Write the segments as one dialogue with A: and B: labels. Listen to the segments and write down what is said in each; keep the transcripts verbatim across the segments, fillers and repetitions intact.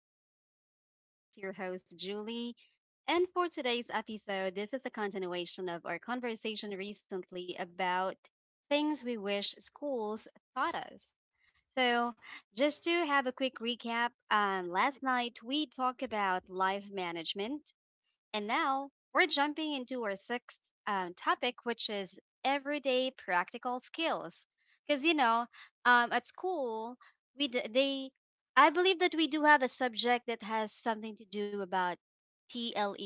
A: with Leah S. This is your host, Julie. And for today's episode, this is a continuation of our conversation recently about things we wish schools taught us. So, just to have a quick recap, um, last night we talked about life management, and now we're jumping into our sixth um, topic, which is everyday practical skills. Because you know, um, at school, we d- they I believe that we do have a subject that has something to do about T L E,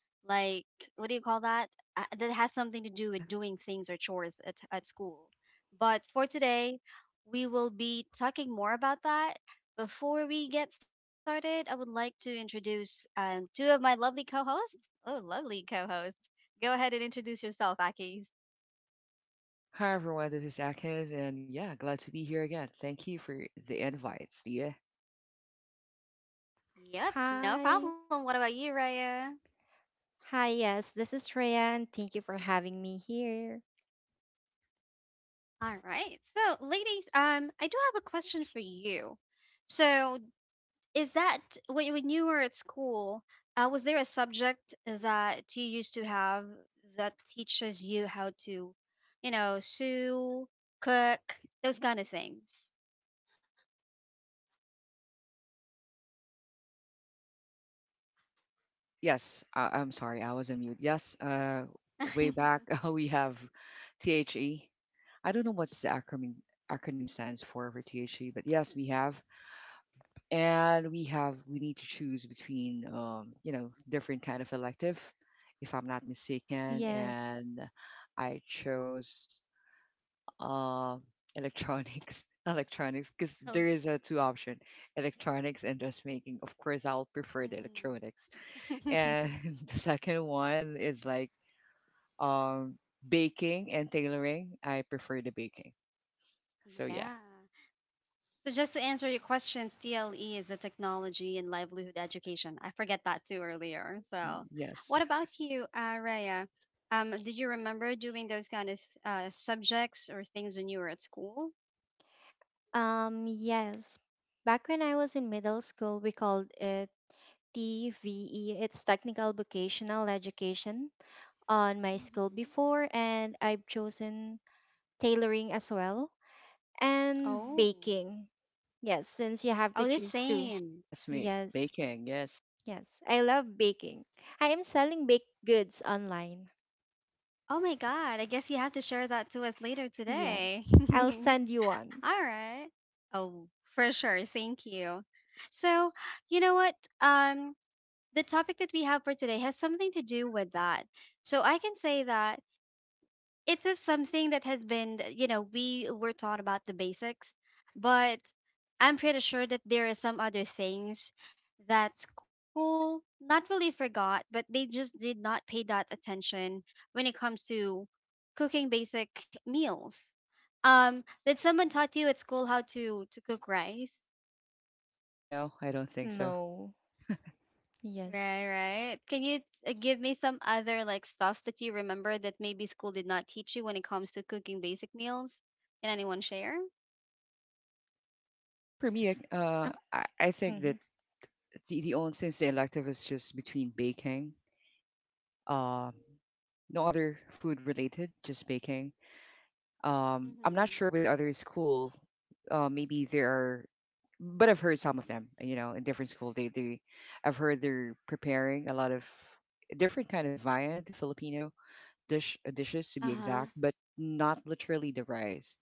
A: like what do you call that? Uh, that has something to do with doing
B: Yeah.
A: things or chores at at school. But for today, we will be talking more about that before we get started. I would like to introduce um, two of my lovely co hosts. Oh, lovely co hosts. Go ahead and introduce yourself, Akis.
B: Hi, everyone. This is Akis, and yeah, glad to be here again. Thank you for the invites. Yeah.
A: Yep, no
C: Hi.
A: problem. What about you, Raya?
C: Hi, yes, this is Rayan. Thank you for having me here.
A: All right. So, ladies, um, I do have a question for you. So, is that when when you were at school, uh, was there a subject that you used to have that teaches you how to, you know, sew, cook, those kind of things?
B: Yes, I- I'm sorry, I was on mute. Yes, uh, way back we have T H E. I don't know what's the acronym acronym stands for for THE, but yes, we have, and we have we need to choose between um, you know different kind of elective, if I'm not mistaken,
C: Yes.
B: and I chose. uh, Electronics electronics, because there
A: All.
B: is a two option, electronics and dressmaking. Of course I'll prefer the
A: Mhm.
B: electronics, and the second one is like um baking and tailoring. I prefer the baking, so yeah.
A: Yeah. So just to answer your questions, T L E is the technology and livelihood education. I forget that too earlier.
B: Mm,
A: So,
B: yes.
A: what about you, uh, Raya? Um, did you remember doing those kind of uh, subjects or things when you were at school?
C: Um, yes. Back when I was in middle school, we called it T V E. It's Technical Vocational Education on my school
A: Mm-hmm.
C: before, and I've chosen tailoring as well and
A: Oh,
C: baking. Yes, since you have to
A: oh, the
C: choose two.
A: same.
B: Classmate
C: Yes.
B: baking, yes.
C: Yes. I love baking. I am selling baked goods online.
A: Oh my God, I guess you have to share that to us later today.
C: Yes. I'll
A: All
C: send you one.
A: right. Oh, for sure. Thank you. So, you know what? Um, the topic that we have for today has something to do with that. So I can say that it is something that has been, you know, we were taught about the basics, but I'm pretty sure that there are some other things that school not really forgot, but they just did not pay that attention when it comes to cooking basic meals. Um, did someone taught you at school how to to cook rice?
B: No, I don't think so.
C: No. Yes.
A: Right, right. Can you uh, give me some other like stuff that you remember that maybe school did not teach you when it comes to cooking basic meals? Can anyone share?
B: Well, for me, I- uh
C: Uh,
B: i, I think
C: mm-hmm.
B: that the, the only, since the elective is just between baking, um no other food related, just baking. Um, I'm not sure
A: Mm-hmm.
B: with other school. Uh, maybe there are, but I've heard some of them. You know, in different school, they they, I've heard they're preparing a lot of different kind of viand, the Filipino dish dishes to be
A: Uh-huh.
B: exact, but not literally the rice.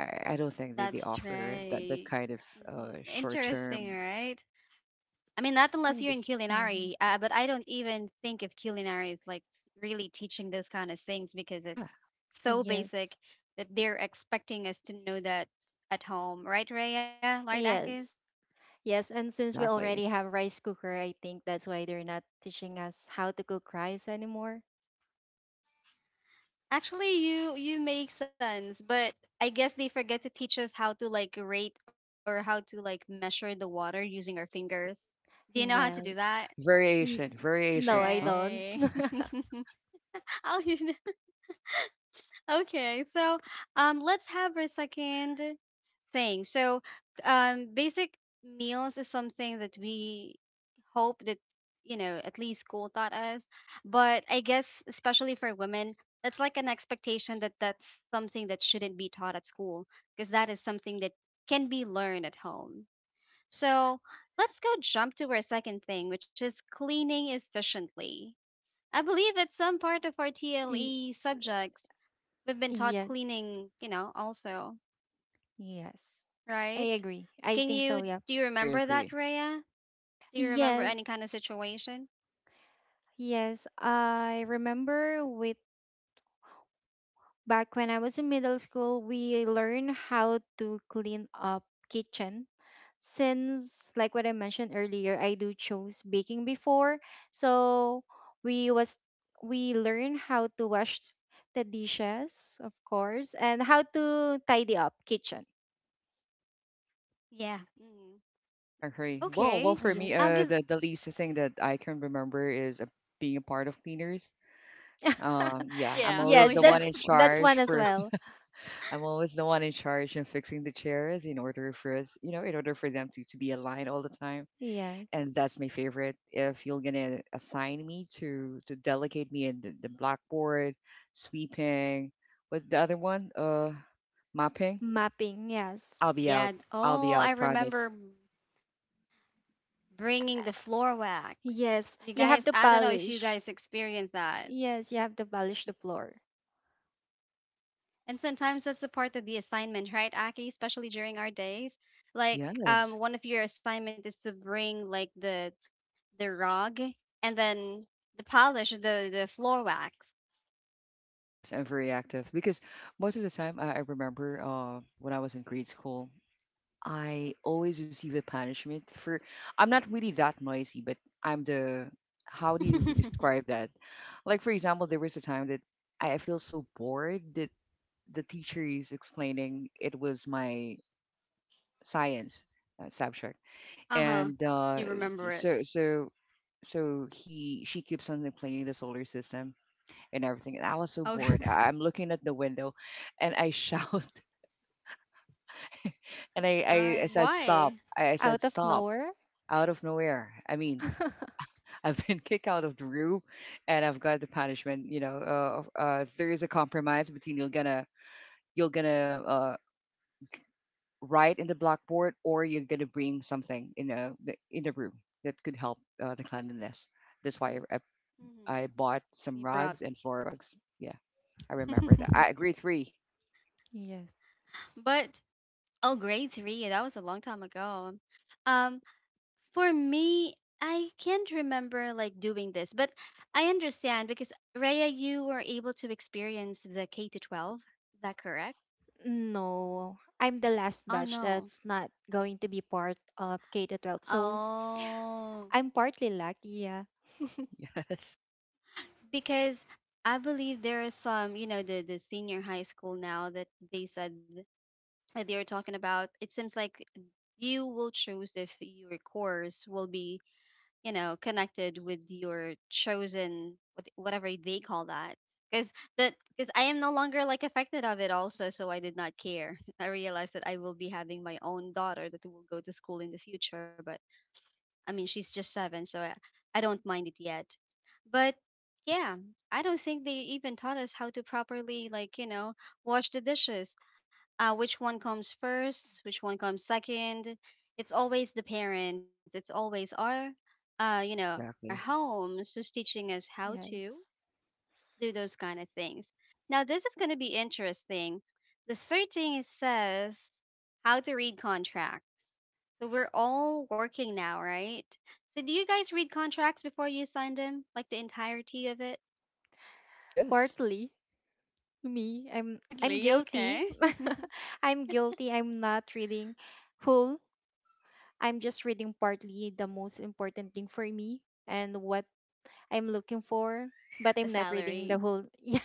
B: I, I don't think they, they
A: That's
B: offer that
A: right.
B: that kind of
A: Mhm.
B: uh, short
A: Interesting,
B: term.
A: right? I mean, not unless you're in
B: Yes.
A: culinary,
C: Mm-hmm.
A: uh, but I don't even think if culinary is like really teaching those kind of things because
B: Yeah.
A: it's so basic
C: Yes.
A: that they're expecting us to know that at home, right, Raya? Right, Akis?
C: Yes. Yes. And since we
B: Exactly.
C: already have rice cooker, I think that's why they're not teaching us how to cook rice anymore.
A: Actually, you you make sense, but I guess they forget to teach us how to like rate or how to like measure the water using our fingers. Do you know how to do that?
C: Yes. N-
B: Variation.
C: no,
B: Variation.
C: I
B: Huh.
C: don't.
A: Right. Oh, you know. Okay. So, um, let's have our second thing. So, um, basic meals is something that we hope that you know at least school taught us. But I guess especially for women, it's like an expectation that that's something that shouldn't be taught at school because that is something that can be learned at home. So let's go jump to our second thing, which is cleaning efficiently. I believe it's some part of our
C: Y-
A: T L E subjects. We've been taught
C: yes.
A: cleaning, you know, also.
C: Yes. I
A: Right?
C: agree. I
A: Can
C: think so,
A: you
C: yeah.
A: do you
B: Agree.
A: remember that,
B: Agree.
A: Rhea? Do you remember
C: Yes.
A: any kind of situation?
C: Yes. I remember with back when I was in middle school, we learned how to clean up kitchen since like what I mentioned earlier, I do chose baking before. So we was we learn how to wash the dishes, of course, and how to tidy up kitchen.
A: Yeah. Mm.
B: agree. Well, well,
A: Okay.
C: Oh,
B: for me,
C: yes.
A: I
B: uh,
A: guess.
B: the the least thing that I can remember is uh, being a part of cleaners. Um, yeah,
A: Oh
B: I'm
A: yeah.
B: always
C: Yes,
B: the
A: Oh
B: one
C: that's
B: in
A: yeah.
C: that's one
B: charge
C: as
B: for.
C: well.
B: I'm always the one in charge in fixing the chairs in order for us, you know, in order for them to to be aligned all the time.
C: Yes.
B: And that's my favorite. If you're gonna assign me to to delegate me in the, the blackboard, sweeping, with the other one, uh, mopping,
C: Mapping, yes.
B: I'll be out.
A: Yeah.
B: I'll be out.
A: Oh, I
B: Promise.
A: remember bringing the floor wax. You
C: Yes,
A: guys,
C: you have
A: I
C: to
A: don't know if you guys
C: polish.
A: experience that.
C: Yes, you have to polish the floor.
A: And sometimes that's the part of the assignment, right, Aki? Especially during our days, like
B: Yes.
A: um, one of your assignment is to bring like the the rug and then the polish, the the floor wax.
B: Yes, I'm very active because most of the time I, I remember uh, when I was in grade school, I always receive a punishment for. I'm not really that noisy, but I'm the. How do you describe that? Like for example, there was a time that I I feel so bored that the teacher is explaining. It was my science uh, subject,
A: Uh-huh.
B: and
A: Do
B: uh,
A: you
B: s-
A: remember it?
B: so so so he she keeps on explaining the solar system and everything. And I was so
A: Okay.
B: bored. I- I'm looking at the window and I shout.
A: Oh
B: And
A: my
B: I, I,
A: God.
B: I said, "Stop."
A: Why?
B: I, I said,
C: Out of
B: "Stop,"
C: nowhere.
B: out of nowhere. I mean, I've been kicked out of the room, and I've got the punishment. You know, uh, of- uh, there is a compromise between, you're gonna, you're gonna, uh, write in the blackboard, or you're gonna bring something in a, the, in the room that could help uh, the cleanliness. That's why I, I,
A: Mm-hmm.
B: I bought some
A: Librat.
B: rugs and floor rugs. Yeah, I remember that. I grade three.
C: Yes.
A: But oh, grade three. That was a long time ago. Um, for me, I can't remember like doing this, but I understand because Raya, you were able to experience the K to twelve. Is that correct?
C: No, I'm the last
A: Oh
C: batch
A: no.
C: that's not going to be part of K to twelve. So
A: Oh,
C: I'm partly lucky. Yeah.
B: Yes.
A: because I believe there is some, you know, the the senior high school now that they said that you're talking about, it seems like you will choose if your course will be, you know, connected with your chosen what- whatever they call that. Because that because I am no longer like affected of it also, so I did not care. I realized that I will be having my own daughter that will go to school in the future, but I mean, she's just seven, so I, I don't mind it yet. But yeah, I don't think they even taught us how to properly, like, you know, wash the dishes. Uh, which one comes first? Which one comes second? It's always the parents. It's always our, uh, you know, our
B: Exactly.
A: homes who's teaching us how to
C: Yes.
A: do those kind of things. Now, this is going to be interesting. The third thing it says how to read contracts. So we're all working now, right? So do you guys read contracts before you sign them, like the entirety of it?
B: Yes.
C: Partly me. I'm I'm
A: Hardly,
C: guilty.
A: okay.
C: I'm guilty. I'm not reading whole. I'm just reading partly the most important thing for me and what I'm
A: The
C: looking for,
A: salary.
C: but I'm not reading the whole. Yeah.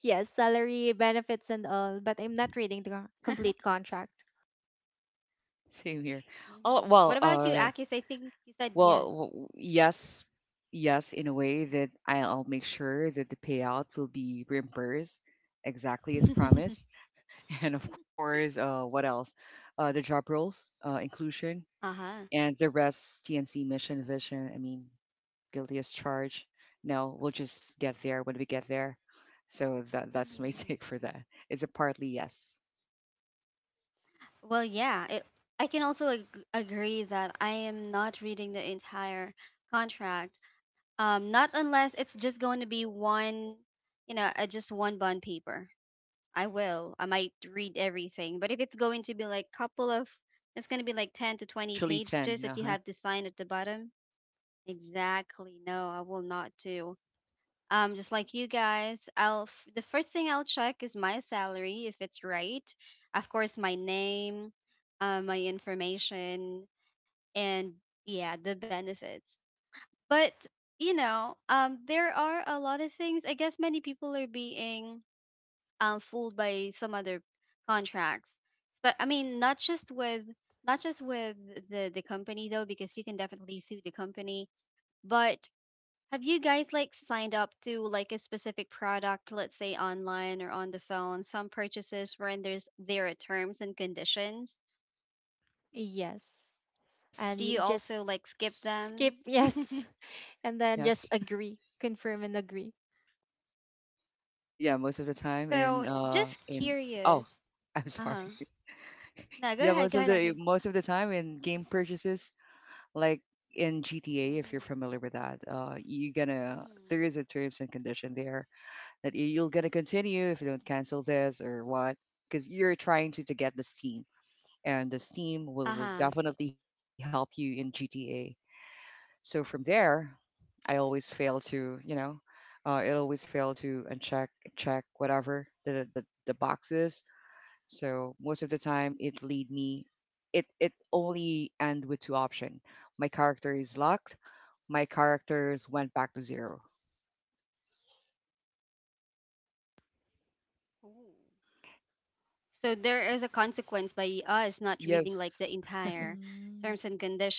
C: Yes, salary, benefits and all, but I'm not reading the complete contract.
B: Same here.
A: Mhm. What about you,
B: Oh
A: Akis?
B: well.
A: I think
B: Uh.
A: you said yes.
B: Well. w- Yes. Yes. In a way that I'll make sure that the payout will be reimbursed exactly as promised,
A: Uh
B: and of course, uh, what else? Uh, the job roles, uh, inclusion,
A: huh.
B: and the rest. T N C, mission, vision. I mean, guilty as charged. No, we'll just get there when we get there. So that that's my take for
A: Hmm.
B: that. It's a partly yes.
A: Well, yeah. It, I can also ag- agree that I am not reading the entire contract. Um, not unless it's just going to be one, you know, uh, just one bond paper. I will. I might read everything, but if it's going to be like couple of, it's going to be like ten to twenty
B: Usually
A: pages
B: ten.
A: that
B: Uh
A: you
B: huh.
A: have to sign at the bottom. Exactly. No, I will not do. Um, just like you guys, I'll f- the first thing I'll check is my salary if it's right. Of course, my name, uh, my information, and yeah, the benefits. But you know, um there are a lot of things, I guess many people are being um fooled by some other contracts. But I mean, not just with not just with the the company though, because you can definitely sue the company. But have you guys like signed up to like a specific product, let's say online or on the phone, some purchases when there's there are terms and conditions?
C: Yes.
B: Yes.
C: And
A: Do you
C: you just
A: also like skip
C: skip,
A: them?
C: yes. And then just
B: Yes.
C: agree, confirm and agree.
B: Yeah, most of the
A: So
B: time
A: just
B: in uh in
A: curious.
B: oh,
A: Uh-huh.
B: I'm sorry.
A: No, go ahead. Go ahead,
B: Yeah,
A: Aki.
B: most of the most of the time in game purchases, like in G T A, if you're
A: Mhm.
B: familiar with that, uh, you're gonna
A: Mhm.
B: there is a terms and condition there that you- you're gonna continue if you don't cancel this or what, because you're trying to to get the Steam, and the Steam
A: Uh
B: will will
A: huh.
B: definitely help you in G T A. So from there, I always fail to you know, uh, it always fail to uncheck check whatever the the, the box is. So most of the time, it lead me. It it only end with two option. My character is locked. My characters went back to zero.
A: Ooh. So there is a consequence by us not reading like the entire
B: Yes.
A: terms and conditions.
C: Mm.
A: So,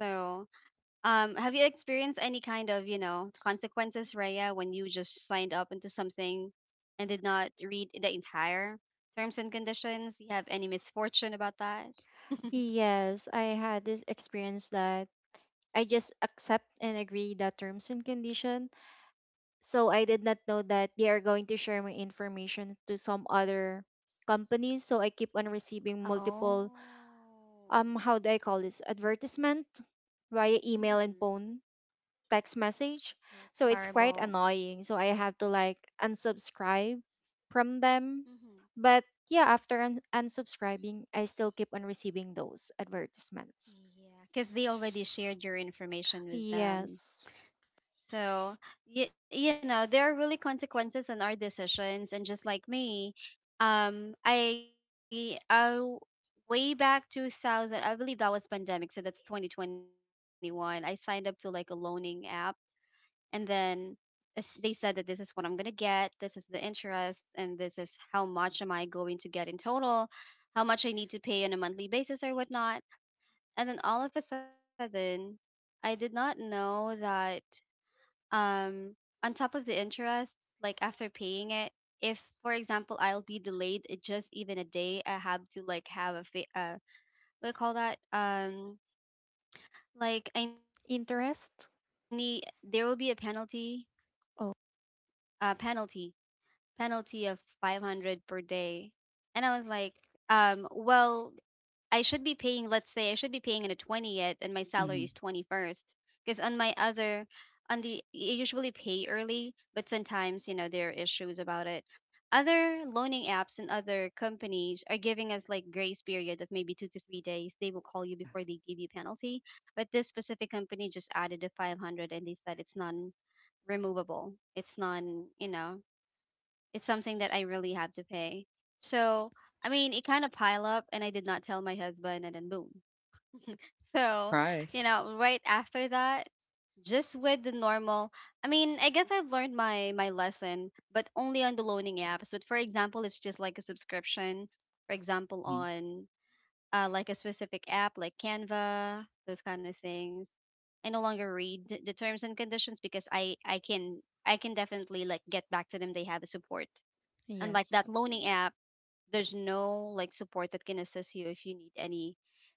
A: um, have you experienced any kind of you know consequences, Raya, when you just signed up into something and did not read the entire terms and conditions? You have any misfortune about that?
C: Yes, I had this experience that I just accept and agree the terms and condition. So I did not know that they are going to share my information to some other companies. So I keep on receiving
A: Oh.
C: multiple um how do I call this advertisement via email and
A: Mhm.
C: phone, text message.
A: That's
C: So it's quite
A: horrible.
C: annoying. So I have to like unsubscribe from them.
A: Mm-hmm.
C: But yeah, after un- unsubscribing, I still keep on receiving those advertisements.
A: Yeah, because they already shared your information with them.
C: Yes.
A: So, y- you know, there are really consequences in our decisions. And just like me, um, I, I, way back two thousand, I believe that was pandemic. So that's twenty twenty-one. I signed up to like a loaning app. And then it's- they said that this is what I'm going to get. This is the interest. And this is how much am I going to get in total, how much I need to pay on a monthly basis or whatnot. And then all of a sudden, I did not know that um on top of the interest, like after paying it, if for example I'll be delayed it just even a day, I have to like have a fa- uh what do you call that? Um, like I need there will be a
C: Interest?
A: penalty, uh
C: Oh,
A: penalty, penalty of five hundred per day. And I was like, um well, I should be paying, let's say, I should be paying on the twentieth and my salary is twenty-first.
B: Hmm.
A: Because on my other, on the, you usually pay early, but sometimes, you know, there are issues about it. Other loaning apps and other companies are giving us like grace period of maybe two to three days. They will call you
B: Yeah.
A: before they give you penalty. But this specific company just added the five hundred and they said it's non removable. It's non, you know, it's something that I really have to pay. So, I mean, it kind of pile up and I did not tell my husband and then boom. So, you
B: Surprise.
A: know, right after that, just with the normal, I mean, I guess I've learned my my lesson, but only on the loaning apps. But for example, it's just like a subscription, for example,
B: Hmm.
A: on uh, like a specific app like Canva, those kind of things. I no longer read the terms and conditions because I I can I can definitely like get back to them. They have a support. And like
C: yes.
A: that loaning app, there's no like support that can assist you if you need any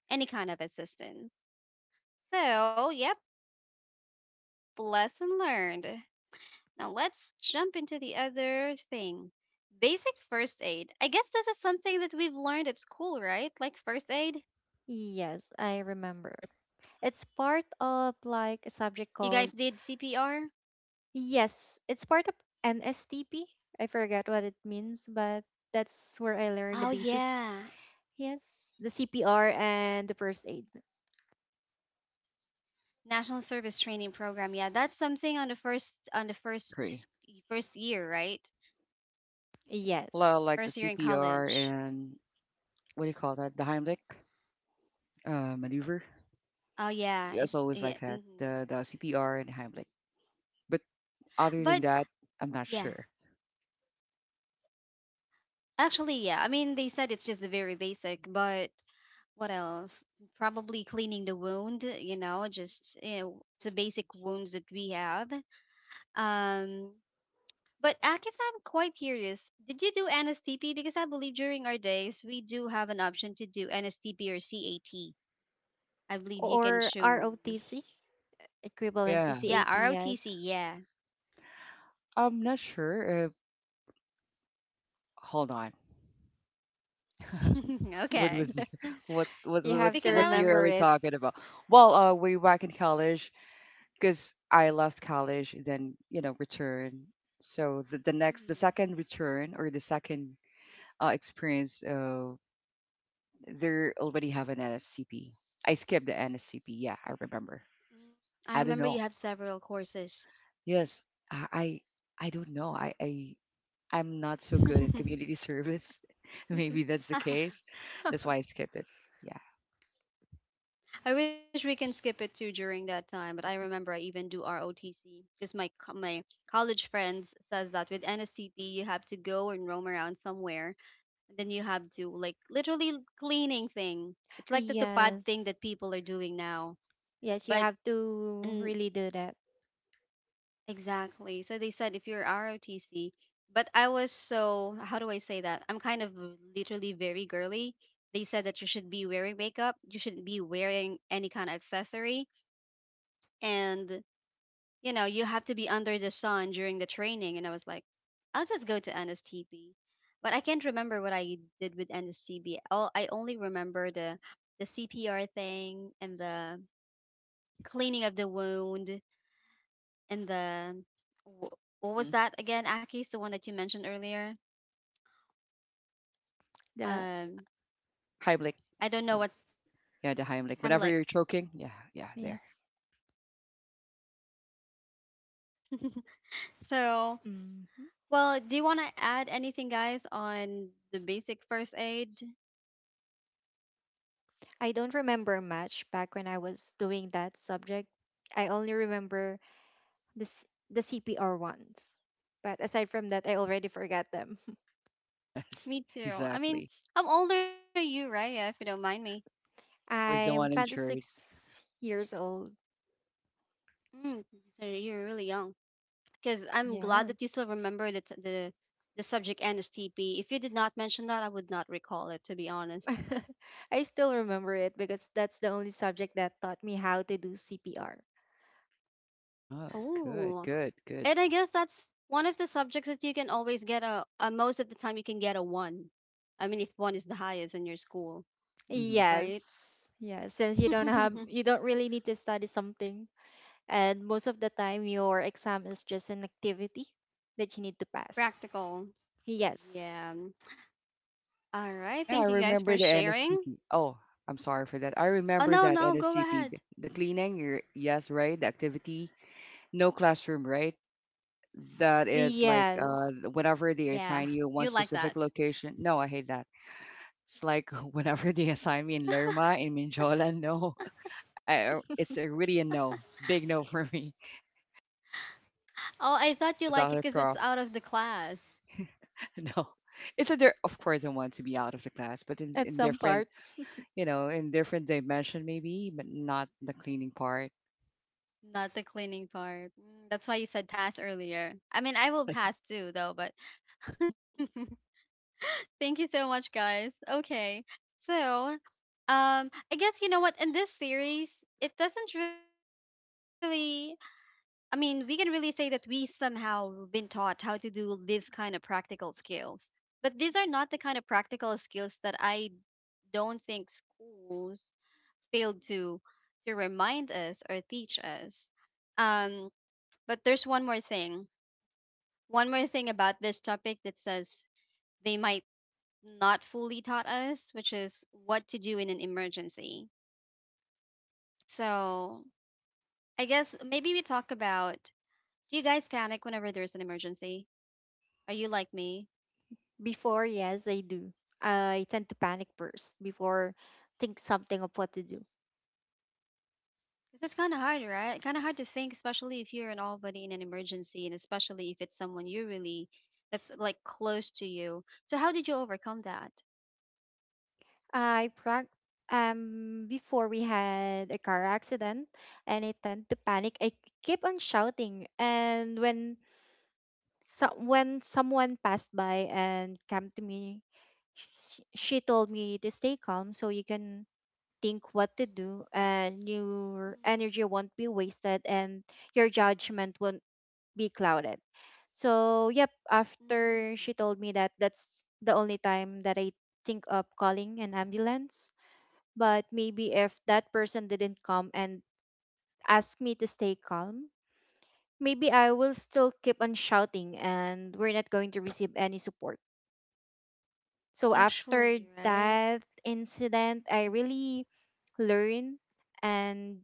A: any kind of assistance. So yep, lesson learned. Now let's jump into the other thing. Basic first aid, I guess this is something that we've learned at school, right? Like first aid.
C: Yes, I remember.
B: Yep.
C: It's part of
A: You
C: like
A: guys
C: a
A: did
C: subject called
A: C P R?
C: yes, it's part of N S T P. I forgot what it means, but that's where
A: Oh
C: I learned the basic
A: yeah,
C: yes, the C P R and the first aid.
A: national service training program. Yeah, that's something on the first on the
B: Agree.
A: first first year, right?
B: Well,
C: Yes.
B: like the
A: First year in
B: C P R
A: college.
B: and what do you call that? The Heimlich uh, maneuver.
A: Oh yeah,
B: Yeah, it's
A: it's
B: always
A: yeah.
B: like that.
A: Mhm.
B: The the C P R and Heimlich. But other
A: But
B: than that, I'm not
A: yeah,
B: sure.
A: actually, yeah. I mean, they said it's just very basic, but what else? Probably cleaning the wound, you know, just you know, the basic wounds that we have. Um, but I guess I'm quite curious. Did you do N S T P? Because I believe during our days we do have an option to do N S T P or cat. I believe you can
C: Or
A: choose.
C: R O T C, equivalent
A: Yeah,
C: to
B: Yeah,
A: R O T C.
C: CATS.
A: Yeah.
B: I'm not sure. Uh, hold on. What
A: okay.
B: was y- what what
C: You have
B: what's
C: to
A: Because
B: what's
A: I was.
B: year are
C: remember
B: we
C: it.
B: talking about? Well, uh, way back in college, because I left college, then you know return. So the, the next, the
A: Mhm.
B: second return, or the second uh, experience, uh, they already have an N S C P. I skipped the N S C P. Yeah, I remember.
A: Mm,
B: I
A: I
B: don't
A: remember
B: know.
A: you have several courses.
B: Yes, I I, I don't know. I, I I'm not so good in community service. Maybe that's the case. That's why I skipped it. Yeah.
A: I wish we can skip it too during that time, but I remember I even do R O T C because my co- my college friends says that with N S C P you have to go and roam around somewhere, and then you have to like literally cleaning thing. It's like the tupad thing
C: Yes.
A: that people are doing now,
C: Yes, you
A: but
C: have to
A: mm,
C: really do that.
A: exactly. So they said if you're R O T C, but I was, so how do I say that? I'm kind of literally very girly. They said that you should be wearing makeup. You shouldn't be wearing any kind of accessory, and you know you have to be under the sun during the training, and I was like, I'll just go to N S T P. But I can't remember what I did with nstb. All I only remember the the cpr thing and the cleaning of the wound and the wh- what was
B: Hmm.
A: that again, aki's the one that you mentioned earlier?
C: The
A: um
B: Hi, Blake.
A: I don't know what.
B: Yeah, the Heimlich. Whenever
A: Hemlock.
B: you're choking, yeah, yeah, there.
C: yes.
A: Yeah, there you go. But I did not even learn that. So,
C: Hmm.
A: well, do you want to add anything, guys, on the basic first aid?
C: I don't remember much back when I was doing that subject. I only remember this the C P R ones. But aside from that, I already forgot them.
B: Yes,
A: Me too. I mean,
B: exactly.
A: I'm older than you, right? Yeah, if you don't mind me.
B: I'm always the
C: I'm
B: one insured.
C: twenty-six years old.
A: Mm, so you're really young. Because I'm glad that you still
C: Yes.
A: remember the, t- the the subject N S T P. If you did not mention that, I would not recall it, to be honest.
C: I still remember it because that's the only subject that taught me how to do C P R.
B: Oh, good,
A: Oh,
B: good, good.
A: and I guess that's one of the subjects that you can always get a, a most of the time you can get a one. I mean, if one is the highest in your school,
B: Hmm.
A: right?
C: Yes. Yeah, since you don't have you don't really need to study something, and most of the time your exam is just an activity that you need to pass.
A: Practicals.
C: Yes.
A: Yeah. All right.
B: Yeah, I
A: Thank you guys
B: remember
A: for
B: the
A: sharing.
B: N S C P. Oh, I'm sorry for that. I
A: Oh,
B: remember
A: no,
B: that
A: no, go
B: N S C P, th-
A: ahead.
B: the cleaning, your yes, right? The activity, no classroom, right?
A: Hmm.
B: That is like
A: Yeah,
B: uh,
C: Yes.
A: you like
B: whenever they
A: that.
B: assign you one specific location. No, I hate that. It's like whenever
A: oh,
B: they assign me in Lerma, in Minjola, no. I, it's a really a no. Big no for me.
A: I thought you like it
B: She's
A: because
B: a
A: it's
B: another
A: out of the
B: prof.
A: class,
B: No. It's a there, of course I want to be out of the class, but in,
C: At
B: in
C: some
B: different
C: part
B: you know, in different dimension maybe, but not the cleaning part.
A: not the cleaning part. Mm, that's why you said pass earlier. I mean, I will
B: Yes.
A: pass too, though, but thank you so much, guys. Okay. So, um, I guess you know what? In this series, it doesn't really, I mean, we can really say that we somehow been taught how to do this kind of practical skills. But these are not the kind of practical skills that I don't think schools failed to to remind us or teach us. Um, but there's one more thing. One more thing about this topic that says they might not fully taught us, which is what to do in an emergency. So I guess maybe we talk about, do you guys panic whenever there's an emergency? Are you like me?
C: before, yes, I do. I tend to panic first before think something of what to do.
A: 'Cause it's kind of hard, right? Kind of hard to think, especially if you're an all buddy in an emergency, and especially if it's someone you really, that's like close to you. So how did you overcome that?
C: I prac um before we had a car accident and I tend to panic. I keep on shouting, and when so when someone passed by and came to me, sh- she told me to stay calm so you can think what to do and your energy won't be wasted and your judgment won't be clouded. So yep, after she
A: Mm,
C: told me that, that's the only time that I think of calling an ambulance. But maybe if that person didn't come and ask me to stay calm, maybe I will still keep on shouting and we're not going to receive any support. So after
A: Actually, right?
C: that incident, I really learn and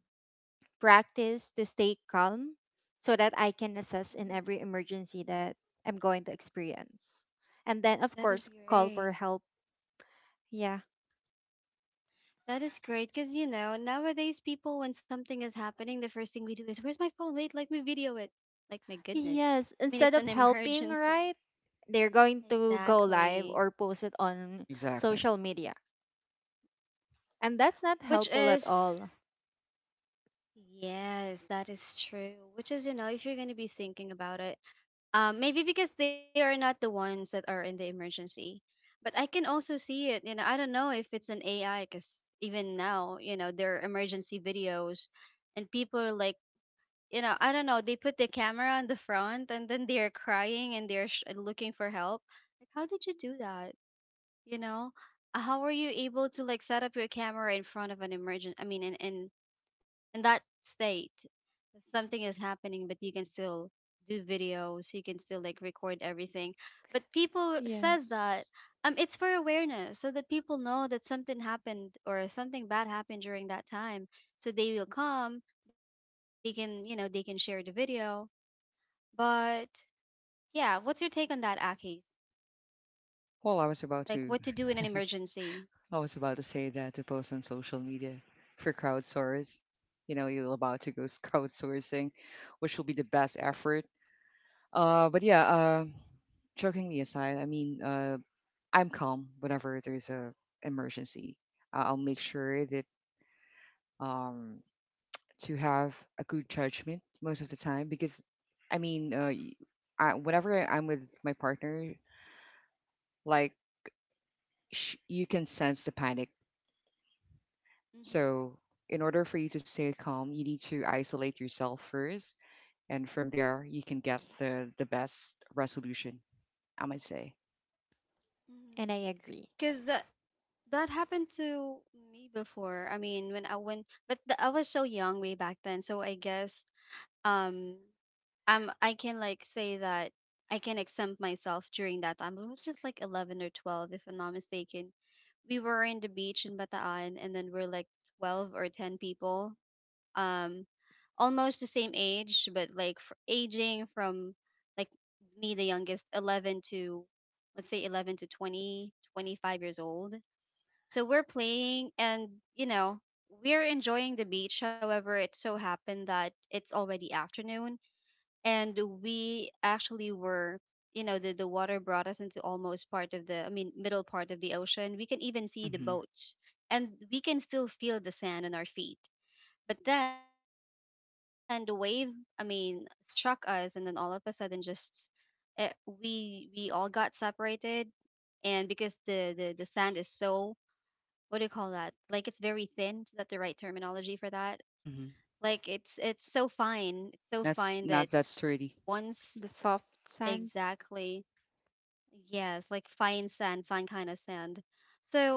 C: practice to stay calm so that I can assess in every
A: Mm-hmm.
C: emergency that I'm going to experience. And then, of
A: That
C: course,
A: is
C: call for
A: great.
C: help. Yeah.
A: That is great because, you know, nowadays people, when something is happening, the first thing we do is, where's my phone? Wait, let me video it. Like, my goodness.
C: Yes,
A: I mean,
C: instead of
A: it's an
C: helping, right?
A: emergency.
C: They're going to go live or
A: Exactly.
C: post it on
B: Exactly.
C: social media. And that's not
A: Which
C: helpful at
A: is,
C: all.
A: yes, that is true. Which is, you know, if you're going to be thinking about it, Um, maybe because they are not the ones that are in the emergency. But I can also see it. You know, I don't know if it's an A I because even now, you know, there are emergency videos, and people are like, you know, I don't know, they put the camera on the front and then they're crying and they're sh- looking for help. Like, how did you do that? You know, Uh, how were you able to like set up your camera in front of an emergent? I mean, in in in that state, if something is happening, but you can still do videos. You can still like record everything. But people says that
C: Yes.
A: um, it's for awareness, so that people know that something happened or something bad happened during that time. So they will come. They can, you know, they can share the video. But yeah, what's your take on that, Akis?
B: Well, I was
A: Like what to
B: about
A: do in
B: to
A: an emergency?
B: I was about to say that to post on social media for crowdsource. You know, you're about to go s- crowdsourcing, which will be the best effort. Uh but yeah, uh jokingly aside, I mean, uh I'm calm whenever there's a emergency. Uh, I'll make sure that, um to have a good judgment most of the time, because I mean, uh, y- I, whenever I'm with my partner, like, sh- you can sense the panic.
A: Mm-hmm.
B: So in order for you to stay calm, you need to isolate yourself first, and from there you can get the the best resolution, I might say.
A: Mm-hmm.
C: And I agree.
A: Cause that that happened to me before. I mean, when I went, but the, I was so young way back then, so I guess um um I can like say that I can exempt myself during that time. It was just like eleven or twelve, if I'm not mistaken. We were in the beach in Bataan, and then we're like twelve or ten people, um, almost the same age, but like f- aging from, like, me, the youngest, eleven to, let's say, eleven to twenty twenty-five years old. So we're playing, and, you know, we're enjoying the beach. However, it so happened that it's already afternoon, and we actually were, you know, the, the water brought us into almost part of the, I mean, middle part of the ocean. We can even see the
B: Mm-hmm.
A: boats, and we can still feel the sand on our feet. But then the wave, I mean, struck us, and then, all of a sudden, just uh we we all got separated. And because the the the sand is so, what do you call that? Like it's very thin. Is that the right terminology for that?
B: Mm-hmm.
A: Like it's it's so fine. It's so fine that
B: That's not, that's sturdy.
A: once,
C: The soft scent.
A: exactly, yes, like fine sand, fine kind of sand. So,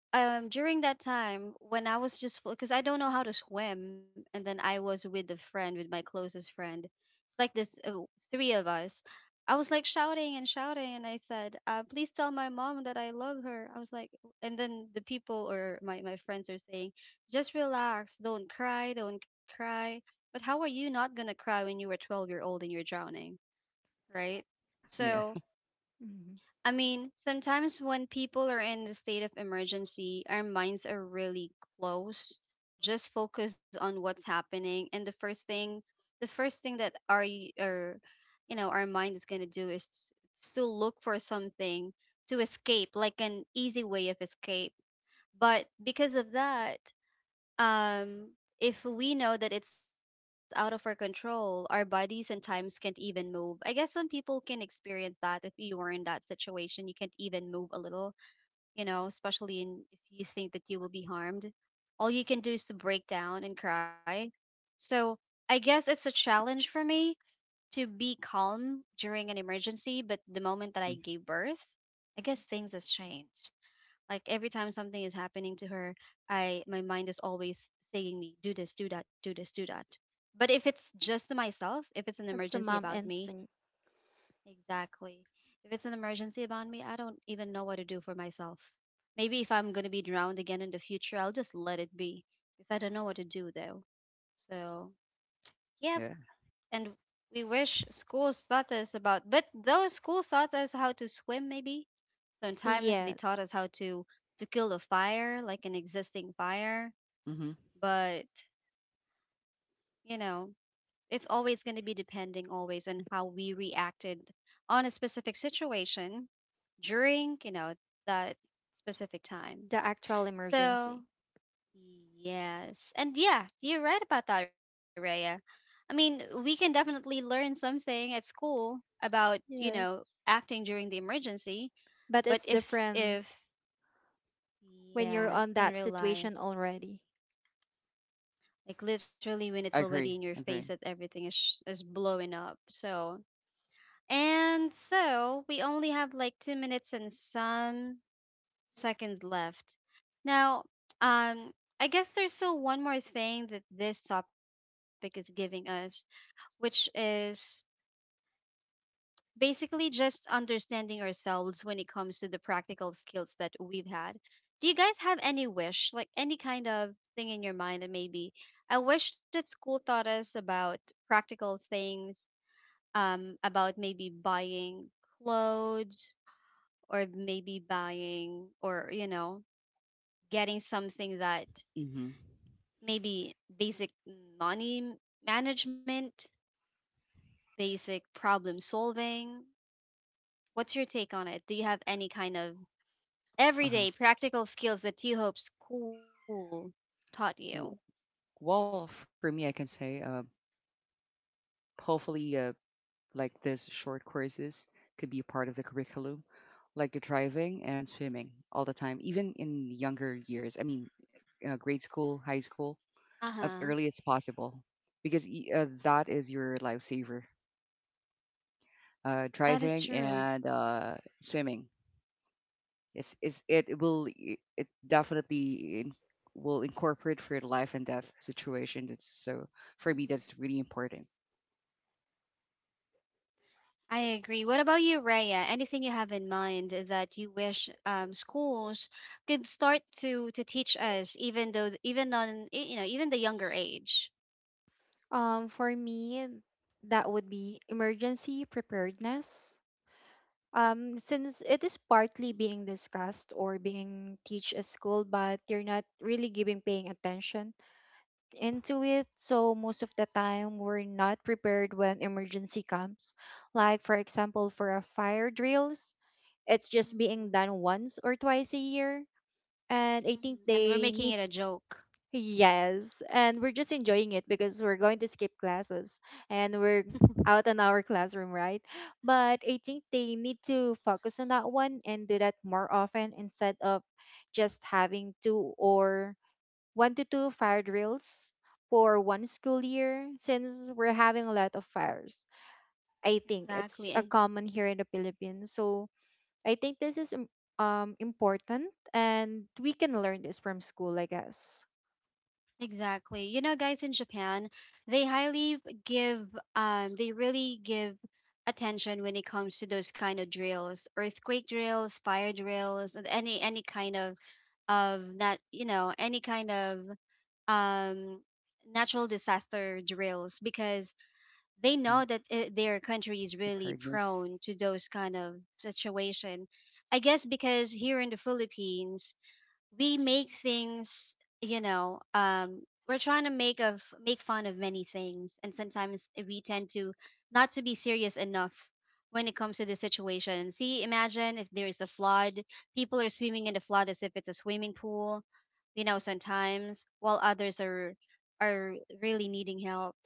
A: um, during that time, when I was, just because I don't know how to swim, and then I was with a friend, with my closest friend. It's like this, uh, three of us. I was like shouting and shouting, and I said, uh, "Please tell my mom that I love her." I was like, and then the people or my my friends are saying, "Just relax, don't cry, don't cry." But how are you not gonna cry when you were twelve year old and you're drowning, right?
B: Yeah.
A: So,
C: Mm.
A: I mean, sometimes when people are in the state of emergency, our minds are really close. Just focus on what's happening, and the first thing, the first thing that our, y- our you know, our mind is gonna do is t- to look for something to escape, like an easy way of escape. But because of that, um if we know that it's out of our control, our bodies and times can't even move. I guess some people can experience that. If you were in that situation, you can't even move a little, you know, especially in, if you think that you will be harmed, all you can do is to break down and cry. So, I guess it's a challenge for me to be calm during an emergency, but the moment that
B: Mm-hmm.
A: I gave birth, I guess things has changed. Like every time something is happening to her, I, my mind is always saying me, do this, do that, do this, do that. But if it's just to myself, if it's an
C: That's a
A: emergency
C: mom
A: about me,
C: instinct.
A: exactly. If it's an emergency about me, I don't even know what to do for myself. Maybe if I'm gonna be drowned again in the future, I'll just let it be because I don't know what to do, though. So yeah,
B: Yeah.
A: and we wish schools taught us about, but though school taught us how to swim, maybe sometimes they taught us
C: Yes,
A: how to to kill a fire, like an existing fire,
B: Mm-hmm.
A: but, you know, it's always going to be depending always on how we reacted on a specific situation during, you know, that specific time.
C: the actual
A: So,
C: emergency.
A: yes. And yeah, you're right about that, Raya. I mean, we can definitely learn something at school about, you know,
C: Yes.
A: acting during the emergency, but
C: But it's
A: if if
C: different when
A: yeah,
C: you're on
A: in
C: that
A: real life,
C: situation already.
A: like literally when it's
B: I
A: already in
B: agree.
A: your
B: I
A: face that
B: agree.
A: everything is sh- is blowing up. So, and so we only have like two minutes and some seconds left. Now, um I guess there's still one more thing that this topic is giving us, which is basically just understanding ourselves when it comes to the practical skills that we've had. Do you guys have any wish, like any kind of thing in your mind, that maybe I wish that school taught us about practical things, um, about maybe buying clothes, or maybe buying or, you know, getting something that
B: Mm-hmm.
A: maybe basic money management, basic problem solving? What's your take on it? Do you have any kind of
B: Uh-huh.
A: everyday practical skills that you hope school taught you?
B: W- well, for me I can say, uh, hopefully. uh. Like, this short courses could be part of the curriculum, like the driving and swimming all the time, even in younger years. I mean, uh, grade school, high school,
A: Uh
B: as early
A: huh.
B: as possible, because y- uh, that is your lifesaver. Uh,
A: That
B: driving
A: is
B: and
A: true.
B: uh, swimming. It's, it's, it will i- it definitely in, will incorporate for your life and death situation. That's so, for me, that's really
A: Hmm.
B: important.
A: I agree. What about you, Raya? Anything you have in mind that you wish, um, schools could start to to teach us, even though, even on y- you know, even the younger age?
C: Um, for me, that would be emergency preparedness. Um, since it is partly being discussed or being teach at school, but you're not really giving paying attention into it. So most of the time, we're not prepared when emergency comes. Like for example, for a fire drills, it's just being done
A: Hmm.
C: once or twice a year, and I think
A: Hmm, and we're
C: they need
A: making it a joke.
C: yes, and we're just enjoying it because we're going to skip classes and we're out in our classroom, right? But I think they need to focus on that one and do that more often instead of just having two or one to two fire drills for one school year since we're having a lot of fires. I think it's a
A: Exactly.
C: common here in the Philippines. So I think this is im- um important and we can learn this from school, I guess.
A: Exactly. You know, guys, in Japan, they highly give, um, they really give attention when it comes to those kind of drills, earthquake drills, fire drills, and any any kind of of that, you know, any kind of um natural disaster drills, because they
B: Hmm.
A: know that uh their country is really
B: Preparedness.
A: prone to those kind of situation. I guess because here in the Philippines, we make things, you know, um we're trying to make of make fun of many things, and sometimes we tend to not to be serious enough when it comes to the situation. See, imagine if there is a flood, people are swimming in the flood as if it's a swimming pool, you know, sometimes, while others are are really needing help.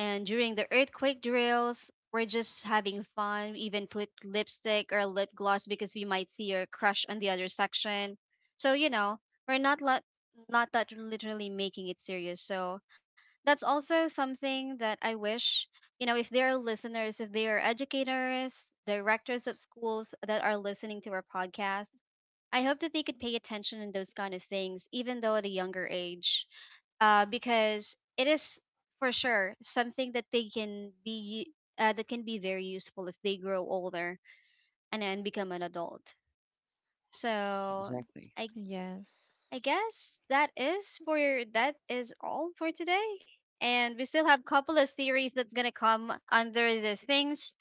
A: And during the earthquake drills, we're just having fun. We even put lipstick or lip gloss because we might see your crush on the other section. So, you know, we're not, let, not that literally making it serious. So that's also something that I wish, you know, if there are listeners, if there are educators, directors of schools that are listening to our podcast, I hope that they could pay attention in those kind of things, even though at a younger age, uh, because it is for sure something that they can be, uh, that can be very useful as they grow older and then become an adult.
B: Yeah,
A: So
B: exactly.
A: I
C: Yes.
A: I guess that is for that is all for today. And we still have a couple of series that's gonna come under the things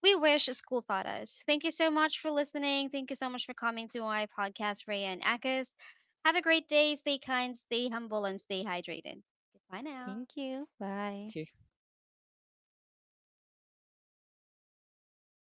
A: we wish school taught us. Thank you so much for listening. Thank you so much for coming to my podcast, Raya and Akis. Have a great day. Stay kind, stay humble, and stay hydrated. Goodbye now.
C: Thank you. Bye.
B: Thank you.